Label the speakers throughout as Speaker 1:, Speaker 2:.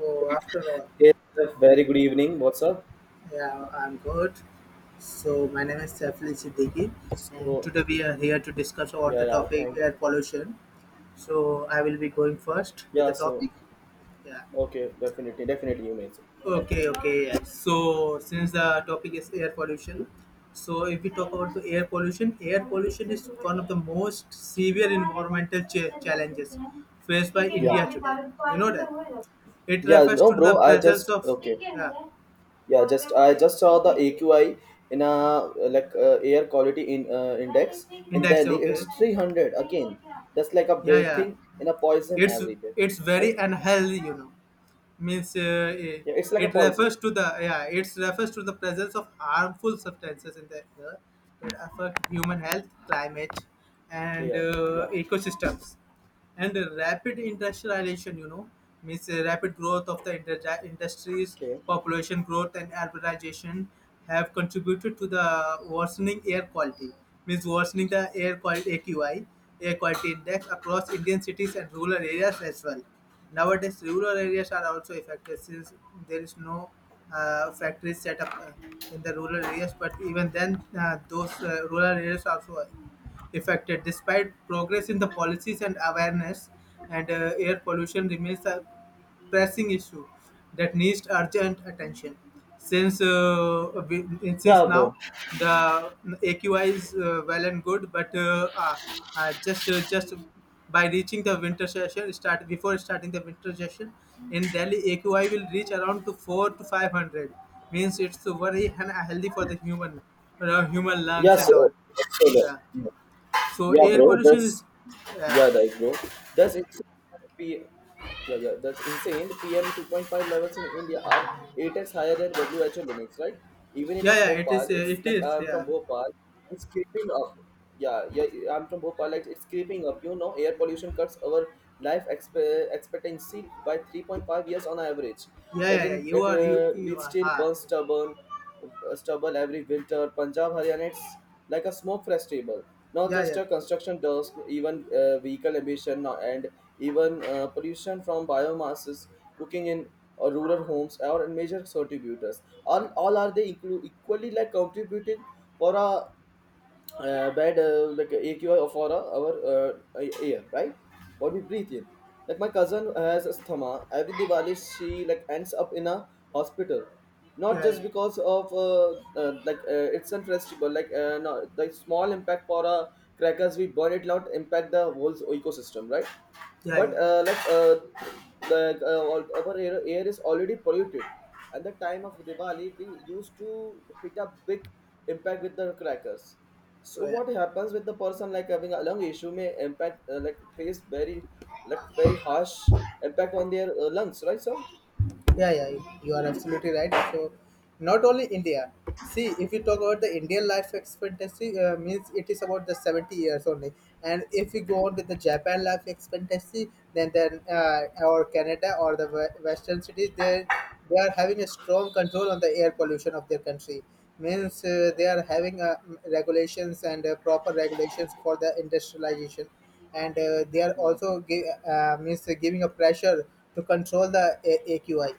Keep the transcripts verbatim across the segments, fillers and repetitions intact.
Speaker 1: Oh, after all,
Speaker 2: Yes, sir. Very good evening. What's up?
Speaker 1: yeah, I'm good. So my name is Saiful Siddiqui, and
Speaker 2: So,
Speaker 1: today we are here to discuss on
Speaker 2: yeah,
Speaker 1: the
Speaker 2: yeah, thank,
Speaker 1: topic air pollution. So I will be going first with
Speaker 2: yeah.
Speaker 1: the
Speaker 2: So,
Speaker 1: topic. Yeah.
Speaker 2: okay, definitely, definitely, you may.
Speaker 1: Okay. Okay. Yeah. So since the topic is air pollution, so if we talk about the air pollution, air pollution is one of the most severe environmental cha- challenges faced by
Speaker 2: Yeah.
Speaker 1: India today. You know that it
Speaker 2: Yeah,
Speaker 1: refers
Speaker 2: no,
Speaker 1: to the
Speaker 2: bro. I
Speaker 1: presence
Speaker 2: just
Speaker 1: of
Speaker 2: okay.
Speaker 1: yeah
Speaker 2: Yeah, just I just saw the A Q I in a like uh, air quality in uh, index in
Speaker 1: index.
Speaker 2: Delhi. It's
Speaker 1: Okay.
Speaker 2: three hundred again. That's like a
Speaker 1: Yeah. Yeah.
Speaker 2: breathing in a poison
Speaker 1: it's
Speaker 2: every day,
Speaker 1: it's very
Speaker 2: right?
Speaker 1: unhealthy, you know means uh, eh,
Speaker 2: Yeah, it's like a
Speaker 1: it
Speaker 2: poison.
Speaker 1: refers to the yeah it refers to the presence of harmful substances in the air that affect human health, climate, and
Speaker 2: Yeah,
Speaker 1: uh,
Speaker 2: yeah.
Speaker 1: ecosystems, and rapid industrialization, you know means uh, rapid growth of the inter- industries,
Speaker 2: Okay.
Speaker 1: population growth and urbanization have contributed to the worsening air quality, means worsening the air quality, AQI, air quality index, across Indian cities and rural areas as well. Nowadays rural areas are also affected since there is no uh, factories set up uh, in the rural areas, but even then uh, those uh, rural areas also affected. Despite progress in the policies and awareness, and uh, air pollution remains a pressing issue that needs urgent attention. Since uh, we-
Speaker 2: Yeah,
Speaker 1: since
Speaker 2: bro.
Speaker 1: now the A Q I is uh, well and good, but uh, uh, uh, just uh, just by reaching the winter session start, before starting the winter session in Delhi, A Q I will reach around to four to five hundred. Means it's very unhealthy for the human, uh, human
Speaker 2: Yeah,
Speaker 1: lungs and
Speaker 2: so,
Speaker 1: all.
Speaker 2: so yeah.
Speaker 1: Yeah. So
Speaker 2: Yeah,
Speaker 1: air
Speaker 2: bro.
Speaker 1: pollution is,
Speaker 2: That's yeah,
Speaker 1: yeah,
Speaker 2: like bro. That's insane. P- yeah, yeah. That's insane. P M two point five levels in India are eight x higher than W H O limits, right? Even in a
Speaker 1: yeah, yeah. It
Speaker 2: Bhopal,
Speaker 1: is, uh,
Speaker 2: it's
Speaker 1: it
Speaker 2: like
Speaker 1: is,
Speaker 2: I'm from
Speaker 1: yeah,
Speaker 2: Bhopal. It's creeping up. Yeah, yeah. I'm from Bhopal. Like it's creeping up. You know, air pollution cuts our life expe- expectancy by three point five years on average.
Speaker 1: yeah,
Speaker 2: Like
Speaker 1: yeah, yeah.
Speaker 2: in
Speaker 1: You
Speaker 2: it,
Speaker 1: are, you,
Speaker 2: uh, we
Speaker 1: you are,
Speaker 2: still
Speaker 1: ah,
Speaker 2: burn stubborn stubble every winter. Punjab, Haryana, it's like a smoke festival. Not
Speaker 1: yeah,
Speaker 2: just
Speaker 1: yeah,
Speaker 2: a construction dust, even uh, vehicle emission no- and even uh, pollution from biomasses, cooking in uh, rural homes are major contributors. All, all are they inclu- Equally like contributing for a uh, bad uh, like A Q I of our our uh, air, right? What we breathe in. Like my cousin has asthma. Every Diwali she like ends up in a hospital, not
Speaker 1: yeah, yeah,
Speaker 2: just
Speaker 1: yeah,
Speaker 2: because of uh, uh, like uh, it's unfestival. Like uh, no, the small impact for uh, crackers we burn it out impact the whole ecosystem, right?
Speaker 1: yeah.
Speaker 2: But
Speaker 1: Yeah.
Speaker 2: uh, like uh, like uh, all- Our air, air is already polluted. At the time of Diwali, we used to hit a big impact with the crackers, so
Speaker 1: Oh, yeah.
Speaker 2: what happens with the person like having a lung issue may impact uh, like face very like very harsh impact on their uh, lungs, right? So
Speaker 1: Yeah, yeah, you you are absolutely right. So, not only India. See, if you talk about the Indian life expectancy, uh, means it is about the seventy years only. And if we go on with the Japan life expectancy, then then uh, or Canada or the we- Western cities, they they are having a strong control on the air pollution of their country. Means uh,
Speaker 2: yeah.
Speaker 1: they are having uh, regulations and uh, proper regulations for the industrialization, and uh, they are
Speaker 2: Yeah,
Speaker 1: also give, uh, means giving a pressure to control the A- AQI,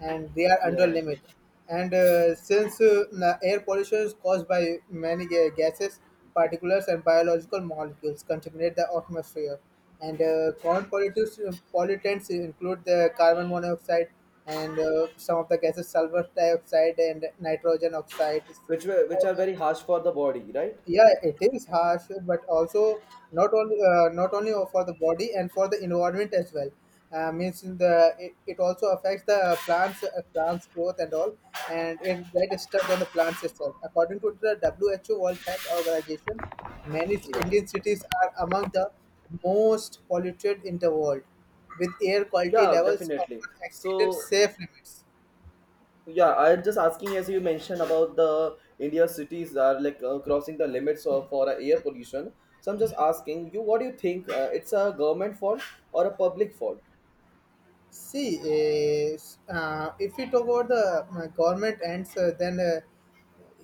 Speaker 1: and they are
Speaker 2: yeah,
Speaker 1: under
Speaker 2: yeah.
Speaker 1: limit. And uh, since uh, the air pollution is caused by many ga- gases, particulates, and biological molecules contaminate the atmosphere, and uh, common pollutants, pollutants include the carbon monoxide and uh, some of the gases, sulfur dioxide and nitrogen oxides.
Speaker 2: Which were which are very harsh for the body, right?
Speaker 1: Yeah, it is harsh, but also not only uh, not only for the body, and for the environment as well. Uh, means in the it, it also affects the plants, uh, plants growth and all, and it that is stuck on the plants itself. According to the WHO, World Health Organization, many ci- Indian
Speaker 2: Yeah.
Speaker 1: cities are among the most polluted in the world, with air quality
Speaker 2: Yeah,
Speaker 1: levels
Speaker 2: definitely.
Speaker 1: often exceeded
Speaker 2: So
Speaker 1: safe limits.
Speaker 2: yeah, I'm just asking as you mentioned about the India cities are like uh, crossing the limits of for uh, air pollution. So I'm just asking you, what do you think? Uh, it's a government fault or a public fault?
Speaker 1: See, eh, uh, if we talk about the uh, government ends, uh, then uh,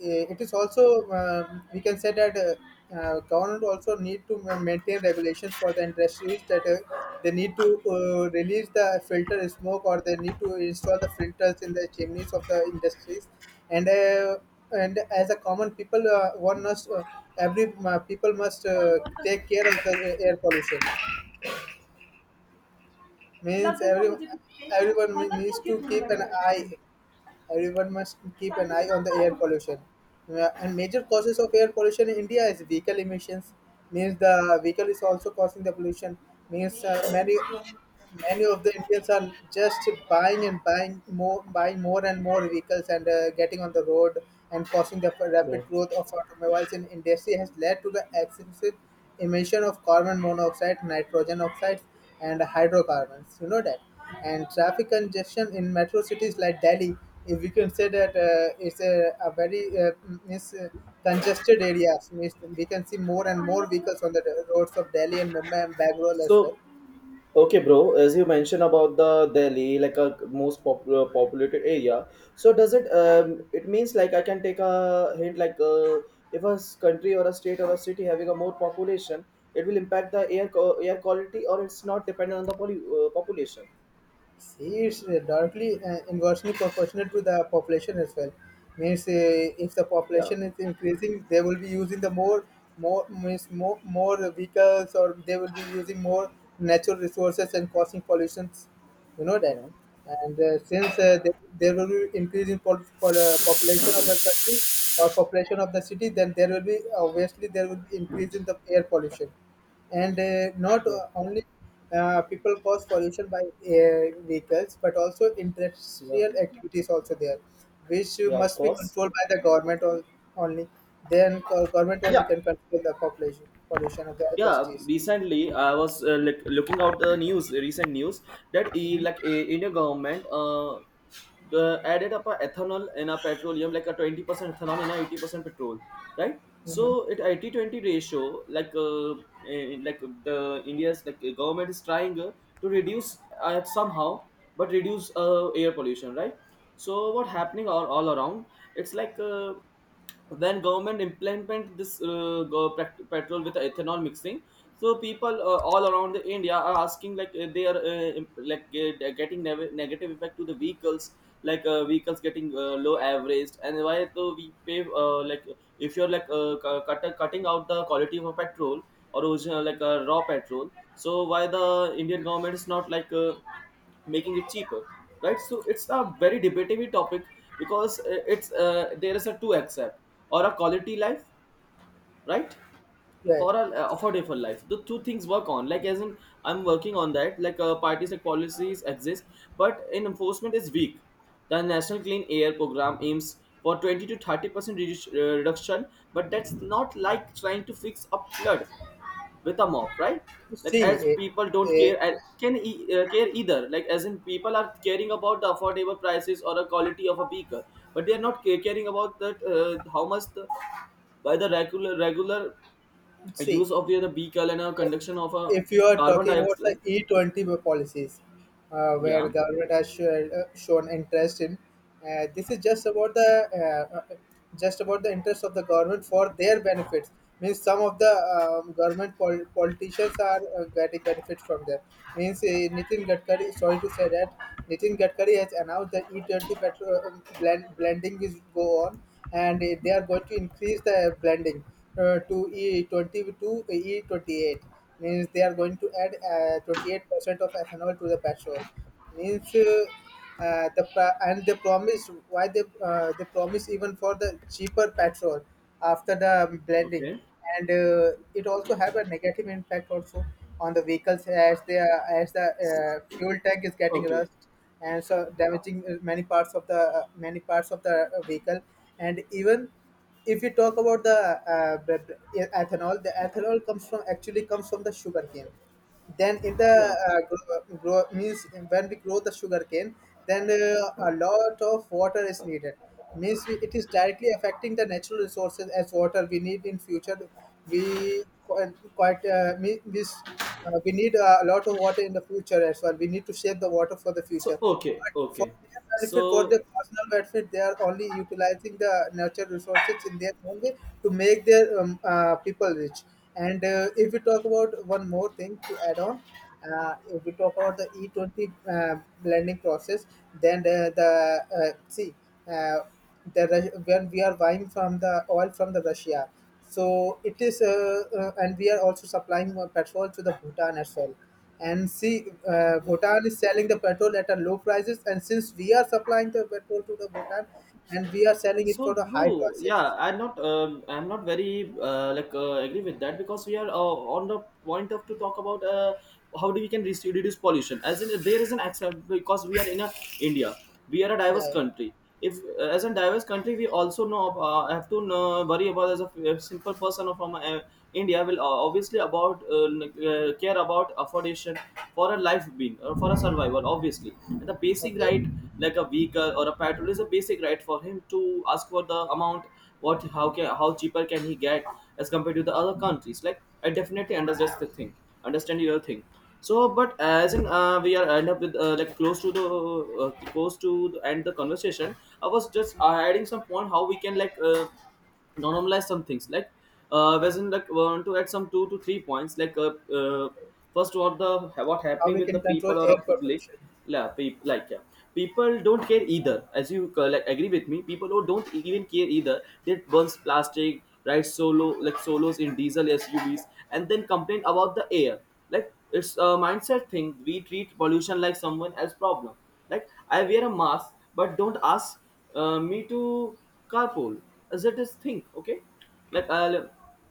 Speaker 1: eh, it is also, um, we can say that uh, uh, government also need to ma- maintain regulations for the industries, that uh, they need to uh, release the filter smoke, or they need to install the filters in the chimneys of the industries, and uh, and as a common people, uh, one must uh, every uh, people must uh, take care of the uh, air pollution. Means every everyone needs to keep an eye. Everyone must keep an eye on the air pollution. Uh, And major causes of air pollution in India is vehicle emissions. Means the vehicle is also causing the pollution. Means uh, many many of the Indians are just buying and buying more, buying more and more vehicles, and uh, getting on the road, and causing the
Speaker 2: Yeah.
Speaker 1: rapid growth of automobiles in industry has led to the excessive emission of carbon monoxide, nitrogen oxides, and hydrocarbons. You know that. And traffic congestion in metro cities like Delhi, if we can say that uh, it's a, a very uh, is, uh, congested areas, means we can see more and more vehicles on the roads of Delhi and Mumbai and Bangalore as well.
Speaker 2: So okay, bro. As you mentioned about the Delhi, like a most popular populated area, so does it um it means like I can take a hint like uh, if a s- country or a state or a city having a more population, it will impact the air co- air quality, or it's not dependent on the poly- uh, population.
Speaker 1: See, it's uh, directly uh, inversely proportional to the population as well. Means uh, if the
Speaker 2: Yeah,
Speaker 1: population is increasing, they will be using the more more means more more vehicles, or they will be using more natural resources and causing pollutions. You know that,
Speaker 2: yeah,
Speaker 1: and uh, since uh, there, there will be increase in pol- pol- uh, population of the country, or population of the city, then there will be, obviously there will be increase in the air pollution, and uh, not
Speaker 2: yeah,
Speaker 1: o- only uh, people cause pollution by uh, vehicles, but also
Speaker 2: yeah,
Speaker 1: industrial activities also there, which
Speaker 2: yeah. Of
Speaker 1: must be
Speaker 2: course.
Speaker 1: controlled by the government. On- only then go- government only
Speaker 2: Yeah.
Speaker 1: can control the population pollution of the
Speaker 2: Yeah,
Speaker 1: industries.
Speaker 2: recently I was uh, like looking out the news recent news that e, like a Indian government uh, the added up a ethanol in a petroleum like a twenty percent ethanol in a eighty percent petrol, right? So
Speaker 1: Hmm.
Speaker 2: it eighty twenty ratio, like uh, eh, like the India's like uh, government is trying uh, to reduce uh, somehow but reduce uh, air pollution, right? So what happening all, all around? It's like uh, When government implement this uh, go- pet- petrol with ethanol mixing, so people uh, all around the India are asking like uh, they are uh, imp- like get, getting neg- negative effect to the vehicles, like uh, vehicles getting uh, low average. And why though we pay uh, like if you're like uh, cu- cut, cutting out the quality of a petrol or original like a raw petrol, so why the Indian government is not like uh, making it cheaper, right? So it's a very debatable topic, because uh, it's uh, there is a two accept or a quality life, right?
Speaker 1: Yeah.
Speaker 2: For a uh, affordable life, the two things work on. Like as in I'm working on that, like uh, parties like policies exist but in enforcement is weak. The national clean air program aims for twenty to thirty percent redu- uh, reduction, but that's not like trying to fix a flood with a mop, right? Like
Speaker 1: See,
Speaker 2: as
Speaker 1: eh,
Speaker 2: people don't
Speaker 1: eh,
Speaker 2: care, and can e- uh, care either. Like as in people are caring about the affordable prices or the quality of a beaker, but they are not ca- caring about that uh, how much the, by the regular regular
Speaker 1: see
Speaker 2: use of the other beaker and a conduction of a
Speaker 1: if you are
Speaker 2: carbon
Speaker 1: talking about the
Speaker 2: dioxide.
Speaker 1: E twenty policies, uh,
Speaker 2: Yeah.
Speaker 1: where government has shown, uh, shown interest in, uh, this is just about the uh, uh, just about the interest of the government for their benefits. Means some of the um, government pol- politicians are uh, getting benefits from there. Means uh, Nitin Gadkari, sorry to say that, Nitin Gadkari has announced that E twenty petrol uh, blend, blending is go on, and uh, they are going to increase the blending uh, to E twenty to E twenty-eight, means they are going to add uh, twenty-eight percent of ethanol to the petrol, means uh, uh, the pra- and they promise why they uh, they promise even for the cheaper petrol after the blending.
Speaker 2: Okay.
Speaker 1: And uh, it also have a negative impact also on the vehicles, as they are, as the uh, fuel tank is getting
Speaker 2: Okay.
Speaker 1: rust, and so damaging uh, many parts of the uh, many parts of the uh, vehicle. And even if you talk about the uh, b- b- ethanol, the ethanol comes from, actually comes from the sugar cane. Then in the
Speaker 2: Yeah.
Speaker 1: uh, grow, grow, means when we grow the sugar cane, then uh, a lot of water is needed. Means we, it is directly affecting the natural resources, as water we need in future. We quite, quite uh, me- means uh, we need a lot of water in the future as well. We need to save the water for the
Speaker 2: So
Speaker 1: future,
Speaker 2: okay.
Speaker 1: for
Speaker 2: Okay.
Speaker 1: their benefit, for
Speaker 2: So
Speaker 1: their personal benefit, they are only utilizing the natural resources in their own way to make their um, uh, people rich. And uh, if we talk about one more thing to add on, uh, if we talk about the E twenty uh, blending process, then the, the uh, see uh, the Rus- when we are buying from the oil from the Russia, so it is uh, uh, and we are also supplying more petrol to the Bhutan as well, and see uh, Bhutan is selling the petrol at a low prices, and since we are supplying the petrol to the Bhutan, and we are selling it
Speaker 2: so,
Speaker 1: for the high
Speaker 2: bro,
Speaker 1: prices.
Speaker 2: yeah, I'm not, um, I'm not very uh, like uh, agree with that, because we are uh, on the point of to talk about uh, how do we can reduce, reduce pollution. As in, there is an accept because we are in a India, we are a diverse
Speaker 1: Yeah.
Speaker 2: country. If uh, as a diverse country, we also know ab- uh, have to know, worry about as a, a simple person from uh, India will uh, obviously about uh, like, uh, care about affordation for a life being or for a survival obviously, and the basic
Speaker 1: Okay.
Speaker 2: right like a vehicle or a petrol is a basic right for him to ask for the amount, what how can how cheaper can he get as compared to the other countries. Like I definitely understand the thing, understand your thing. So but as in uh, we are end up with uh, like close to the uh, close to the end the conversation. I was just uh, adding some point how we can like uh, normalize some things, like uh whereas in like want to add some two to three points, like uh, uh first what the what
Speaker 1: How
Speaker 2: happening
Speaker 1: we
Speaker 2: with
Speaker 1: can
Speaker 2: the
Speaker 1: control
Speaker 2: people or a
Speaker 1: air
Speaker 2: public.
Speaker 1: pollution?
Speaker 2: Yeah, people, like, yeah, people don't care either. As you uh, like agree with me, people who don't even care either, they burns plastic, ride solo like solos in diesel SUVs and then complain about the air. Like it's a mindset thing. We treat pollution like someone else problem. Like I wear a mask but don't ask uh, me to carpool, as it is think okay. Like I'll go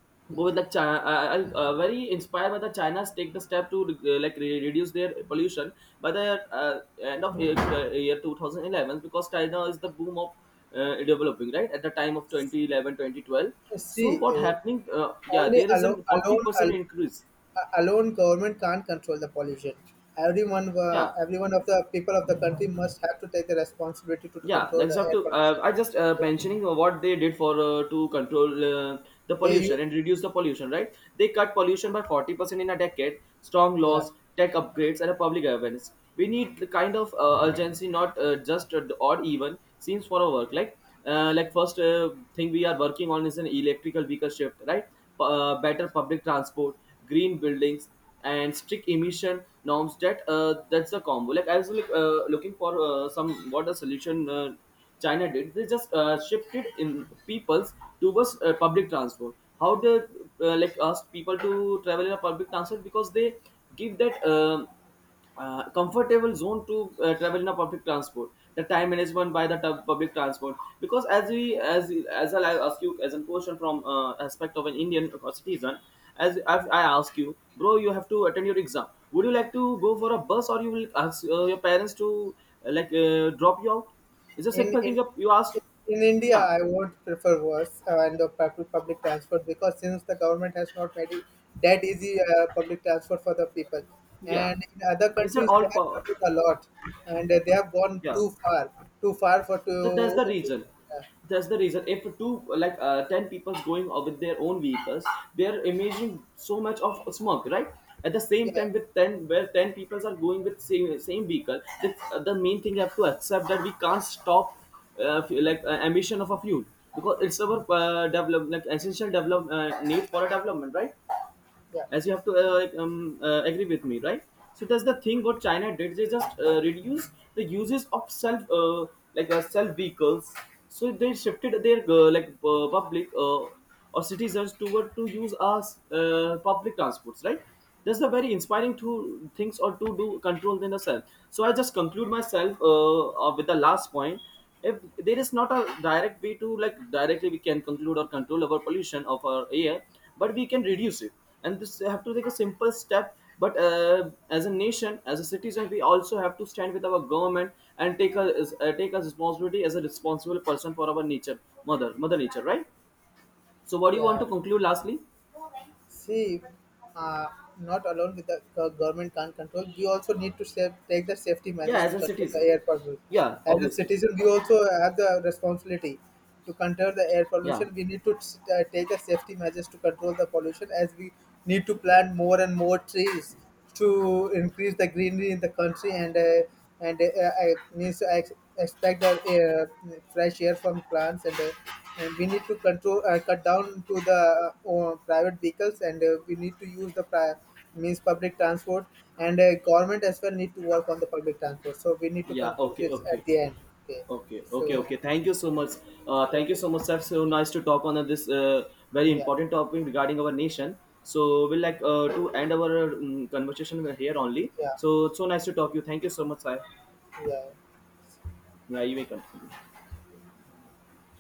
Speaker 2: with like China. I- I'll uh, very inspired by the China's take the step to uh, like re- reduce their pollution by the uh, end of year, uh, year twenty eleven, because China is the boom of uh, developing right at the time of twenty eleven, twenty twelve.
Speaker 1: Uh,
Speaker 2: So
Speaker 1: see
Speaker 2: what
Speaker 1: uh,
Speaker 2: happening uh, yeah,
Speaker 1: only
Speaker 2: there is a
Speaker 1: alone alone
Speaker 2: forty percent
Speaker 1: al-
Speaker 2: increase.
Speaker 1: uh, alone government can't control the pollution. Everyone uh,
Speaker 2: Yeah.
Speaker 1: every one of the people of the country must have to take the responsibility to, to
Speaker 2: Yeah,
Speaker 1: control
Speaker 2: like you
Speaker 1: the
Speaker 2: have
Speaker 1: air
Speaker 2: to
Speaker 1: pollution.
Speaker 2: uh, I just uh,
Speaker 1: Yeah.
Speaker 2: mentioning what they did for uh, to control uh, the
Speaker 1: They
Speaker 2: pollution
Speaker 1: use.
Speaker 2: and reduce the pollution, right? They cut pollution by forty percent in a decade. Strong
Speaker 1: Yeah.
Speaker 2: laws, tech upgrades, and a public awareness. We need the kind of uh, urgency, not uh, just uh, odd even seems for our work. Like uh, like first uh, thing we are working on is an electrical vehicle shift, right? P- uh, better public transport, green buildings, and strict emission norms, that uh, that's the combo. Like I was like, uh, looking for uh, some what the solution uh, China did. They just uh, shifted in peoples towards uh, public transport, how they uh, like asked people to travel in a public transport, because they give that um uh, comfortable zone to uh, travel in a public transport, the time management by the tub- public transport. Because as we as as I'll ask you as a question from uh, aspect of an Indian citizen, as, as I ask you, bro, you have to attend your exam, would you like to go for a bus, or you will ask uh, your parents to uh, like uh, drop you out? It's a
Speaker 1: in
Speaker 2: simple thing
Speaker 1: in
Speaker 2: you you ask.
Speaker 1: in India,
Speaker 2: Yeah.
Speaker 1: I would prefer worse uh, and the pub- public transport, because since the government has not made it that easy uh, public transport for the people,
Speaker 2: Yeah,
Speaker 1: and in other
Speaker 2: it's an
Speaker 1: countries
Speaker 2: all
Speaker 1: they have
Speaker 2: power.
Speaker 1: developed a lot, and uh, they have gone
Speaker 2: Yeah.
Speaker 1: too far, too far for
Speaker 2: So that's
Speaker 1: to
Speaker 2: the reason. That's the reason. If two like uh, ten people going or with their own vehicles, they are emitting so much of smoke, right? At the
Speaker 1: yeah
Speaker 2: same
Speaker 1: yeah
Speaker 2: time, with ten where ten people are going with same same vehicle, the, the main thing you have to accept that we can't stop uh, fu- like uh, emission of a fuel, because it's our uh, develop like essential develop uh, need for a development, right?
Speaker 1: yeah
Speaker 2: As you have to uh, like, um, uh, agree with me, right? So that's the thing what China did. They just uh, reduce the uses of self uh, like uh, self vehicles, so they shifted their uh, like uh, public uh, or citizens toward to use us uh, public transports, right? That's the very inspiring to things or to do control than the self. So I just conclude myself uh, uh, with the last point. If there is not a direct way to like directly we can conclude or control our pollution of our air, but we can reduce it, and this have to take a simple step. But uh, as a nation, as a citizen, we also have to stand with our government and take a uh, take a responsibility as a responsible person for our nature, mother mother nature, right? So what do you want
Speaker 1: yeah.
Speaker 2: to conclude lastly?
Speaker 1: See, uh, not alone with the go- government can't control. We also need to save, take the safety
Speaker 2: Yeah,
Speaker 1: measures
Speaker 2: as
Speaker 1: to
Speaker 2: a
Speaker 1: control the
Speaker 2: citizen.
Speaker 1: air pollution.
Speaker 2: Yeah,
Speaker 1: As a
Speaker 2: obviously.
Speaker 1: citizen, we also have the responsibility to control the air
Speaker 2: Yeah,
Speaker 1: pollution. We need to uh, take the safety measures to control the pollution, as we need to plant more and more trees to increase the greenery in the country, and uh, and uh, uh, means I ex- expect the air, fresh air from plants. And. Uh, and we need to control uh, cut down to the uh, private vehicles, and uh, we need to use the pri- means public transport, and uh, government as well need to work on the public transport, so we need to
Speaker 2: yeah,
Speaker 1: conclude
Speaker 2: okay,
Speaker 1: this at
Speaker 2: okay.
Speaker 1: the end. Okay.
Speaker 2: Okay, okay,
Speaker 1: So,
Speaker 2: okay. Thank you so much. Uh, thank you
Speaker 1: okay.
Speaker 2: so much, sir. So nice to talk on this uh, very
Speaker 1: Yeah.
Speaker 2: important topic regarding our nation. So we'll like uh, to end our um, conversation here only.
Speaker 1: Yeah.
Speaker 2: So it's so nice to talk to you. Thank you so much, sir.
Speaker 1: Yeah.
Speaker 2: Yeah, you may continue.